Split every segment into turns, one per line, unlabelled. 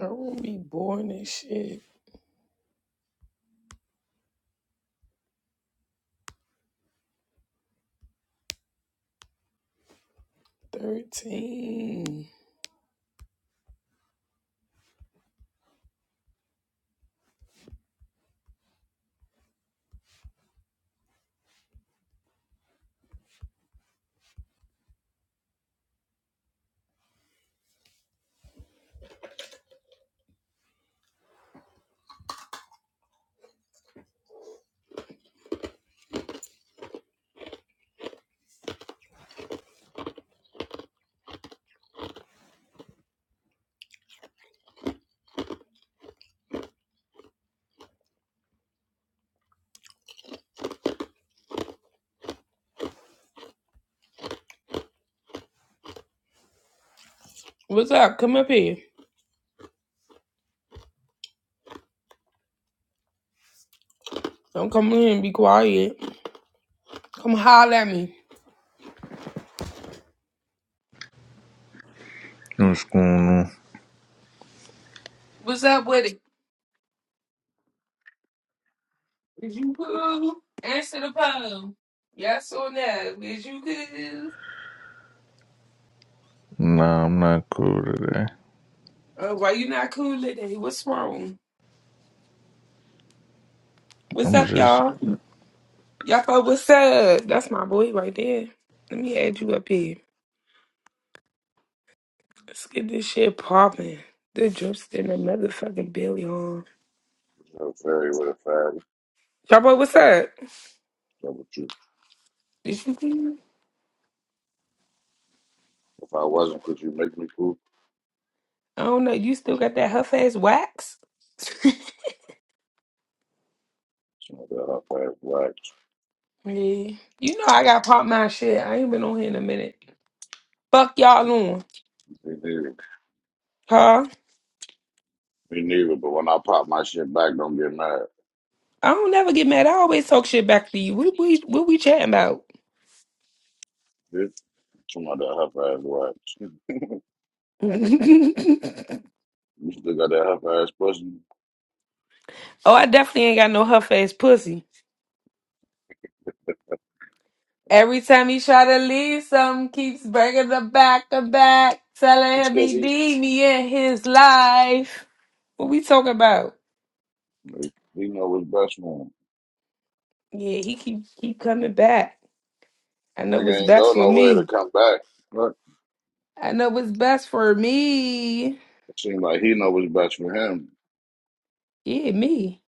I will be born and shit. 13. What's up? Come up here. Don't come in and be quiet. Come holler at me.
What's going on?
What's up with it? Is you cool? Answer the phone. Yes or no? Is you cool?
Nah, I'm not cool today.
Uh, why you not cool today? What's wrong? What's
I'm
up,
just
y'all? Y'all fuck, what's up? That's my boy right there. Let me add you up here. Let's get this shit popping. The drip's in the motherfucking belly on.
How fairy would have fagged.
Y'all boy, what's up?
Number two.
Is you cool?
If I wasn't, could you make me cool?
I don't know. You still got that huff ass wax?
So I got her fast wax.
yeah. You know I got pop my shit. I ain't been on here in a minute. Fuck y'all on.
Me neither.
Huh?
Me neither, but when I pop my shit back, don't get mad.
I don't never get mad. I always talk shit back to you. What we what we chatting about?
Bitch, some of that her ass wax. You still got that her ass pussy.
oh, I definitely ain't got no huff ass pussy. Every time he try to leave, something keeps breaking the back of back, telling
It's
him
cause
he
he
need me in his life. What we talking about?
he know what's best for him.
Yeah, he keep keep coming back. I know what's
Nigga ain't
best
go
for
nowhere
me.
to come back. But
I know what's best for me.
it seems like he know what's best for him.
Yeah, me.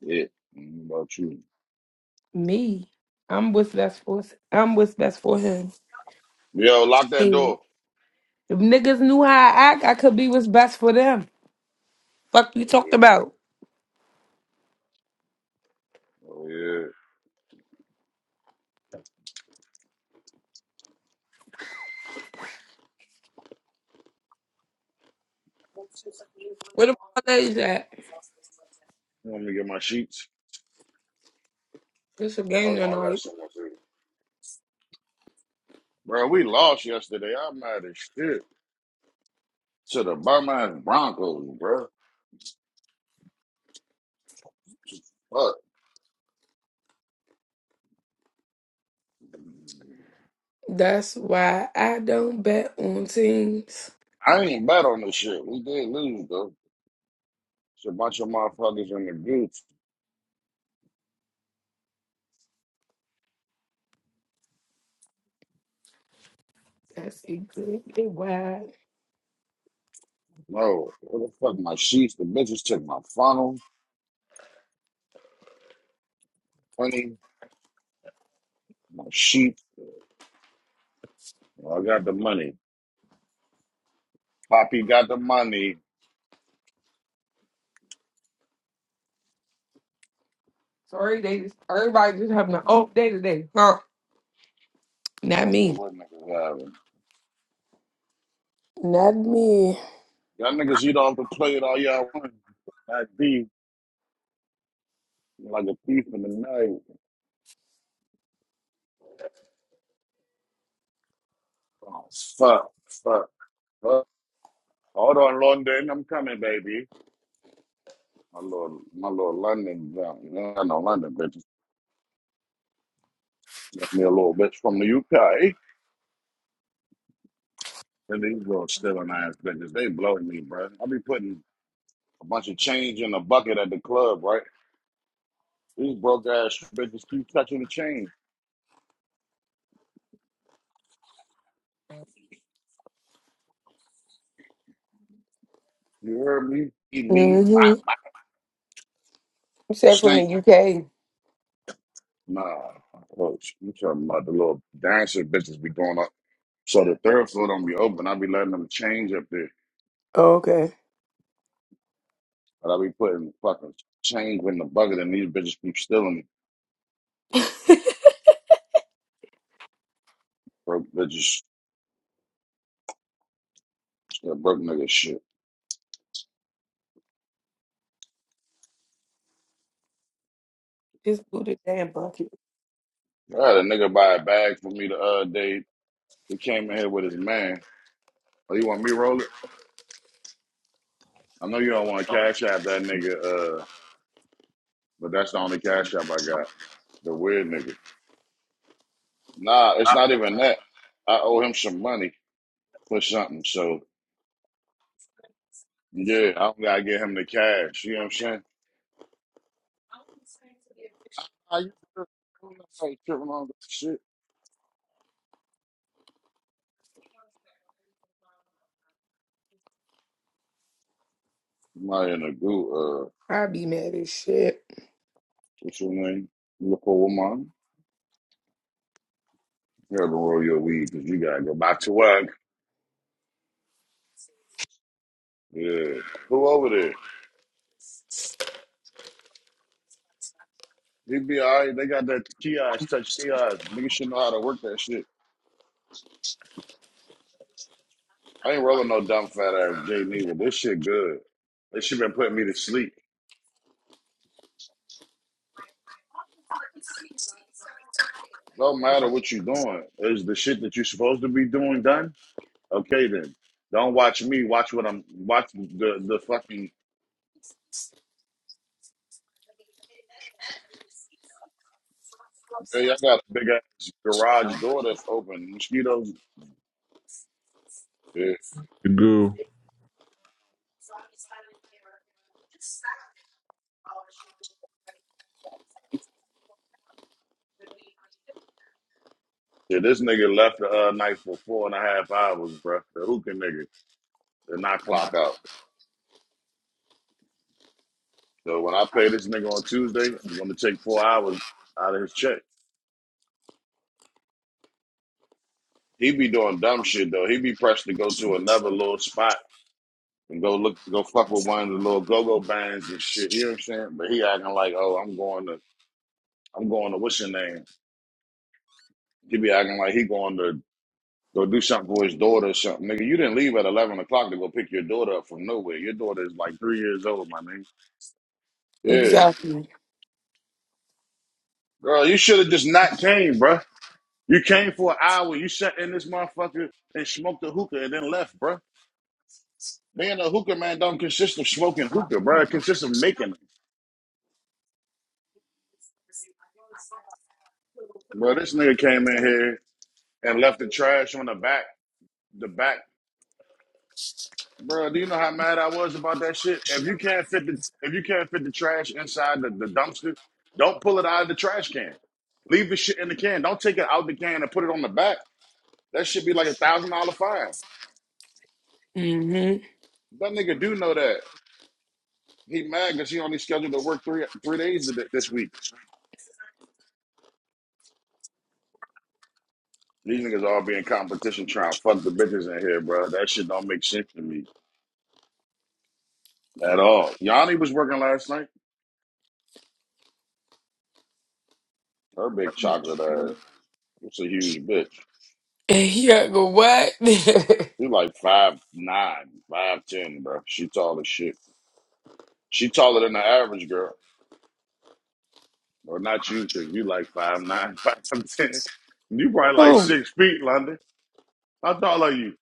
Yeah. I don't know About you.
Me. I'm what's best for I'm what's best for him.
Yo, lock that
Shit.
door.
If niggas knew how I act, I could be what's best for them. Fuck you
Oh
talked
yeah.
about.
Oh yeah.
Where the parlays at?
Let me to get my sheets.
It's a game
Hold on, I got
tonight.
someone. Bro, we lost yesterday. I'm mad as shit to the bum ass Broncos, bro. Look,
That's why I don't bet on teams.
I ain't bet on this shit. We did lose, though. It's a bunch of motherfuckers in the group.
That's exactly why.
No, what the fuck? My sheets, the bitches took my funnel, money, my sheet. I got the money. Poppy got the money.
Sorry, they just, everybody just having an off day today. Huh?
I
Not
don't know
me.
what niggas having.
Not me.
Y'all niggas eat off the plate all y'all want. That beef, like a thief in the night. Oh, fuck, fuck, fuck. Hold on, London. I'm coming, baby. My little, my little London, um, I know London bitches. Left me a little bitch from the UK, and these little stealing ass bitches, they blow me, bro. I be putting a bunch of change in a bucket at the club, right? These broke ass bitches keep touching the change. You heard me? Eat me, my,
Mm-hmm.
my
You said from
shank.
the UK.
Nah, coach, you talking about the little dancer bitches be going up. So the third floor don't be open. I be letting them change up there,
Okay.
but I be putting fucking change in the bucket, and these bitches keep stealing it, broke bitches. Yeah, broke nigga shit.
Just do the damn bucket.
I had a nigga buy a bag for me the other day. He came in here with his man. Oh, you want me to roll it? I know you don't want to cash app that nigga, uh, but that's the only cash app I got. The weird nigga. Nah, it's not even that. I owe him some money for something. So yeah, I don't gotta get him the cash. You know what I'm saying? I used to I ain't tripping on that shit. I'm not in a goo, uh,
I be mad as shit.
what's your name? Look over woman. You gotta roll your weed because you gotta go back to work. Yeah. Who over there? They be all right. They got that kiosk, touch kiosk. Niggas should know how to work that shit. I ain't rolling no dumb fat ass Jay Neither. This shit good. This shit been putting me to sleep. No matter what you doing, is the shit that you supposed to be doing done? Okay then. Don't watch me. Watch what I'm watching. The the fucking. Hey, I got a big ass garage door that's open. Mosquitoes. Yeah,
a goo.
yeah. This nigga left the uh, night for four and a half hours, bruh. The hookah nigga did not clock out. So when I pay this nigga on Tuesday, I'm gonna take four hours out of his check. He be doing dumb shit though. He be pressed to go to another little spot and go look, go fuck with one of the little go go bands and shit. You know what I'm saying? But he acting like, oh, I'm going to, I'm going to what's your name? He be acting like he going to go do something for his daughter or something. Nigga, you didn't leave at eleven o'clock to go pick your daughter up from nowhere. Your daughter is like three years old, my nigga. Yeah,
Exactly.
girl, you should have just not came, bro. You came for an hour, you sat in this motherfucker and smoked a hookah and then left, bro. Being a hookah man don't consist of smoking hookah, bro. It consists of making it. bro. this nigga came in here and left the trash on the back, the back. bro. do you know how mad I was about that shit? If you can't fit the if you can't fit the trash inside the, the dumpster, don't pull it out of the trash can. Leave the shit in the can. Don't take it out the can and put it on the back. That should be like a thousand dollar fine.
Mm-hmm.
That nigga do know that. He mad because he only scheduled to work three three days this week. These niggas all be in competition trying to fuck the bitches in here, bro. That shit don't make sense to me at all. Yanni was working last night. Her big chocolate ass. It's a huge bitch.
And he gotta go what?
She's like five nine, five ten, bro. She tall as shit. She taller than the average girl. Or not you, because you like five nine, five ten. You probably like
Who?
six feet, London. How tall are you?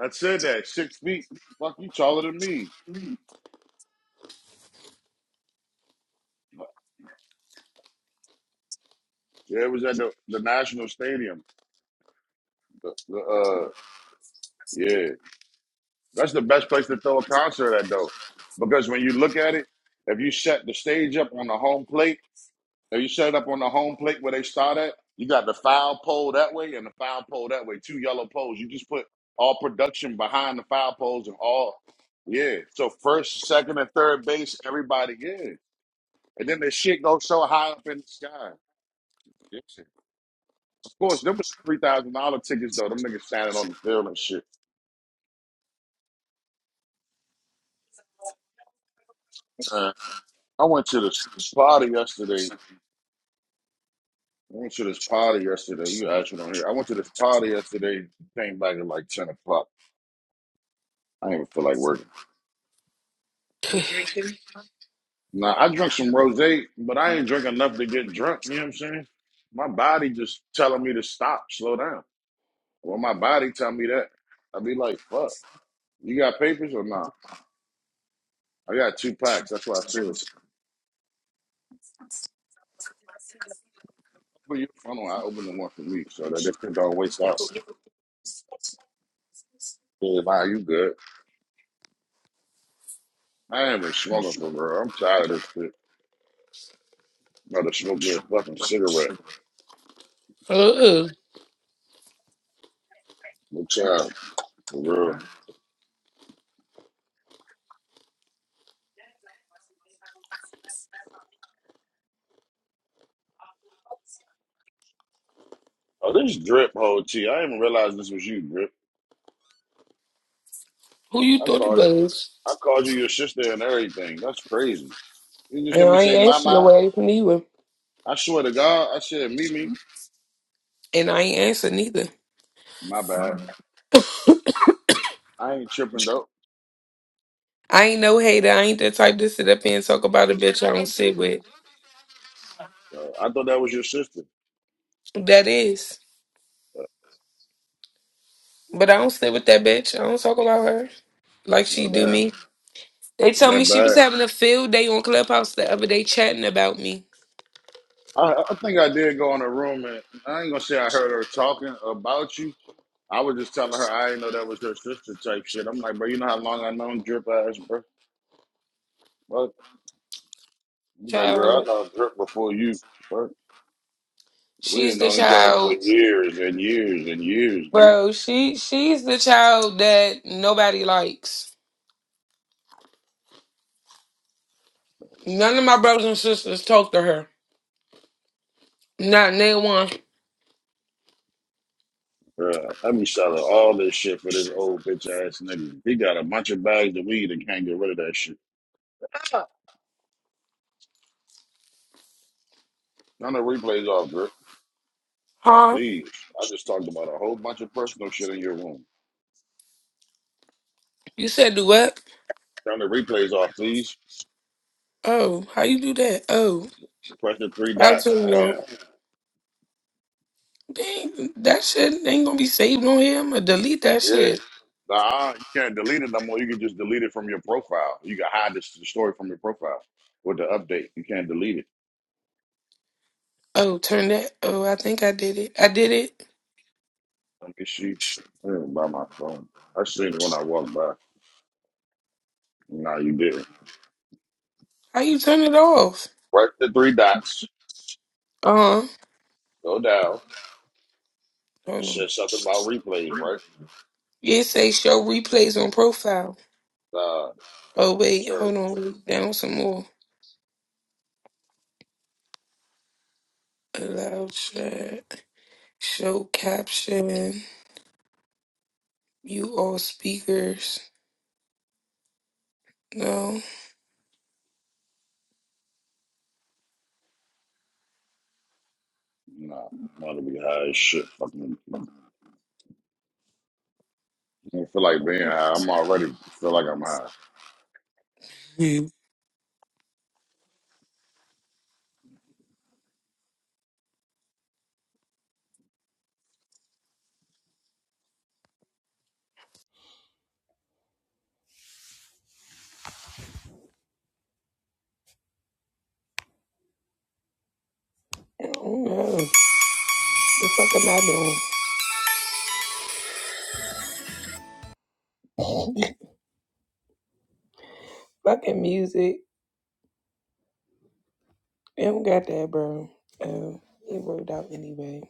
I said that. Six feet. Fuck you taller than me. Yeah, it was at the, the National Stadium. The, uh yeah. That's the best place to throw a concert at, though, because when you look at it, if you set the stage up on the home plate, if you set it up on the home plate where they start at, you got the foul pole that way and the foul pole that way, two yellow poles. You just put all production behind the foul poles and all, yeah. So first, second, and third base, everybody, yeah. And then the shit goes so high up in the sky. Yeah. Of course, them was three thousand dollar tickets though. Them niggas standing on the field and shit. Uh, I went to this party yesterday I went to this party yesterday. You actually don't hear. I went to this party yesterday. Came back at like ten o'clock. I didn't even feel like working. Now I drank some rosé, but I ain't drink enough to get drunk. You know what I'm saying? My body just telling me to stop, slow down. Well, my body tell me that. I be like, fuck. You got papers or not? I got two packs. That's what I said. Open your funnel. I open the one for me so that this shit don't waste out. Yeah, nah, you good. I ain't even smoking for real. I'm tired of this shit. About to smoke me a fucking cigarette.
Uh-uh.
I'm tired. For real. Oh, this drip whole T. I didn't even realize this was you, drip.
Who you
I
thought it
called
was?
I called you your sister and everything. That's crazy. You just
And
hear me
I
say
ain't
my
answer your
my.
ass neither.
I swear to God, I said me me.
And I ain't answer neither.
My bad. I ain't tripping though.
I ain't no hater. I ain't the type to sit up here and talk about a bitch I don't sit with.
Uh, I thought that was your sister.
That is.
Uh,
But I don't sit with that bitch. I don't talk about her like she
No
do
that
me. They told me
that
she was
bad.
having a field day on Clubhouse the other day chatting about me.
I, I think I did go in a room and I ain't gonna say I heard her talking about you. I was just telling her I didn't know that was her sister type shit. I'm like, bro, you know how long I known drip ass, bro. But she's like, girl, I
Child,
know drip before you. We
she's
have
the
known each other for
child.
years and years and years, nigga.
Bro, she she's the child that nobody likes. None of my brothers and sisters talk to her. Not name one.
Bruh, I be selling all this shit for this old bitch ass nigga. He got a bunch of bags of weed and can't get rid of that shit. Ah. Turn the replays off, Drip.
Huh?
Please. I just talked about a whole bunch of personal shit in your room.
You said do what?
Turn the replays off, please.
Oh, how you do that? Oh,
Press the three
I
dots.
turn it off.
Damn.
Dang, that shit ain't gonna be saved on here. I'm gonna delete that
Yeah.
shit.
Nah, you can't delete it no more. You can just delete it from your profile. You can hide this the story from your profile with the update. You can't delete it.
Oh, turn that. Oh, I think I did it. I did it.
Let me see. Let me buy my phone. I seen it when I walked by. No, you didn't.
How you turn it off?
Right, the three dots.
Uh huh.
Go down.
Hold on.
Says something about replays, right?
Yeah, It say show replays on profile.
Uh,
Oh wait,
sure.
hold on. Down some more. Allow chat. Show caption. You all speakers. No.
No, I'm about to be high as shit. Fucking, I don't feel like being high. I'm already feel like I'm high.
Mm. I don't know. The fuck am I doing? Fucking music. They don't got that, bro. Oh, it worked out anyway.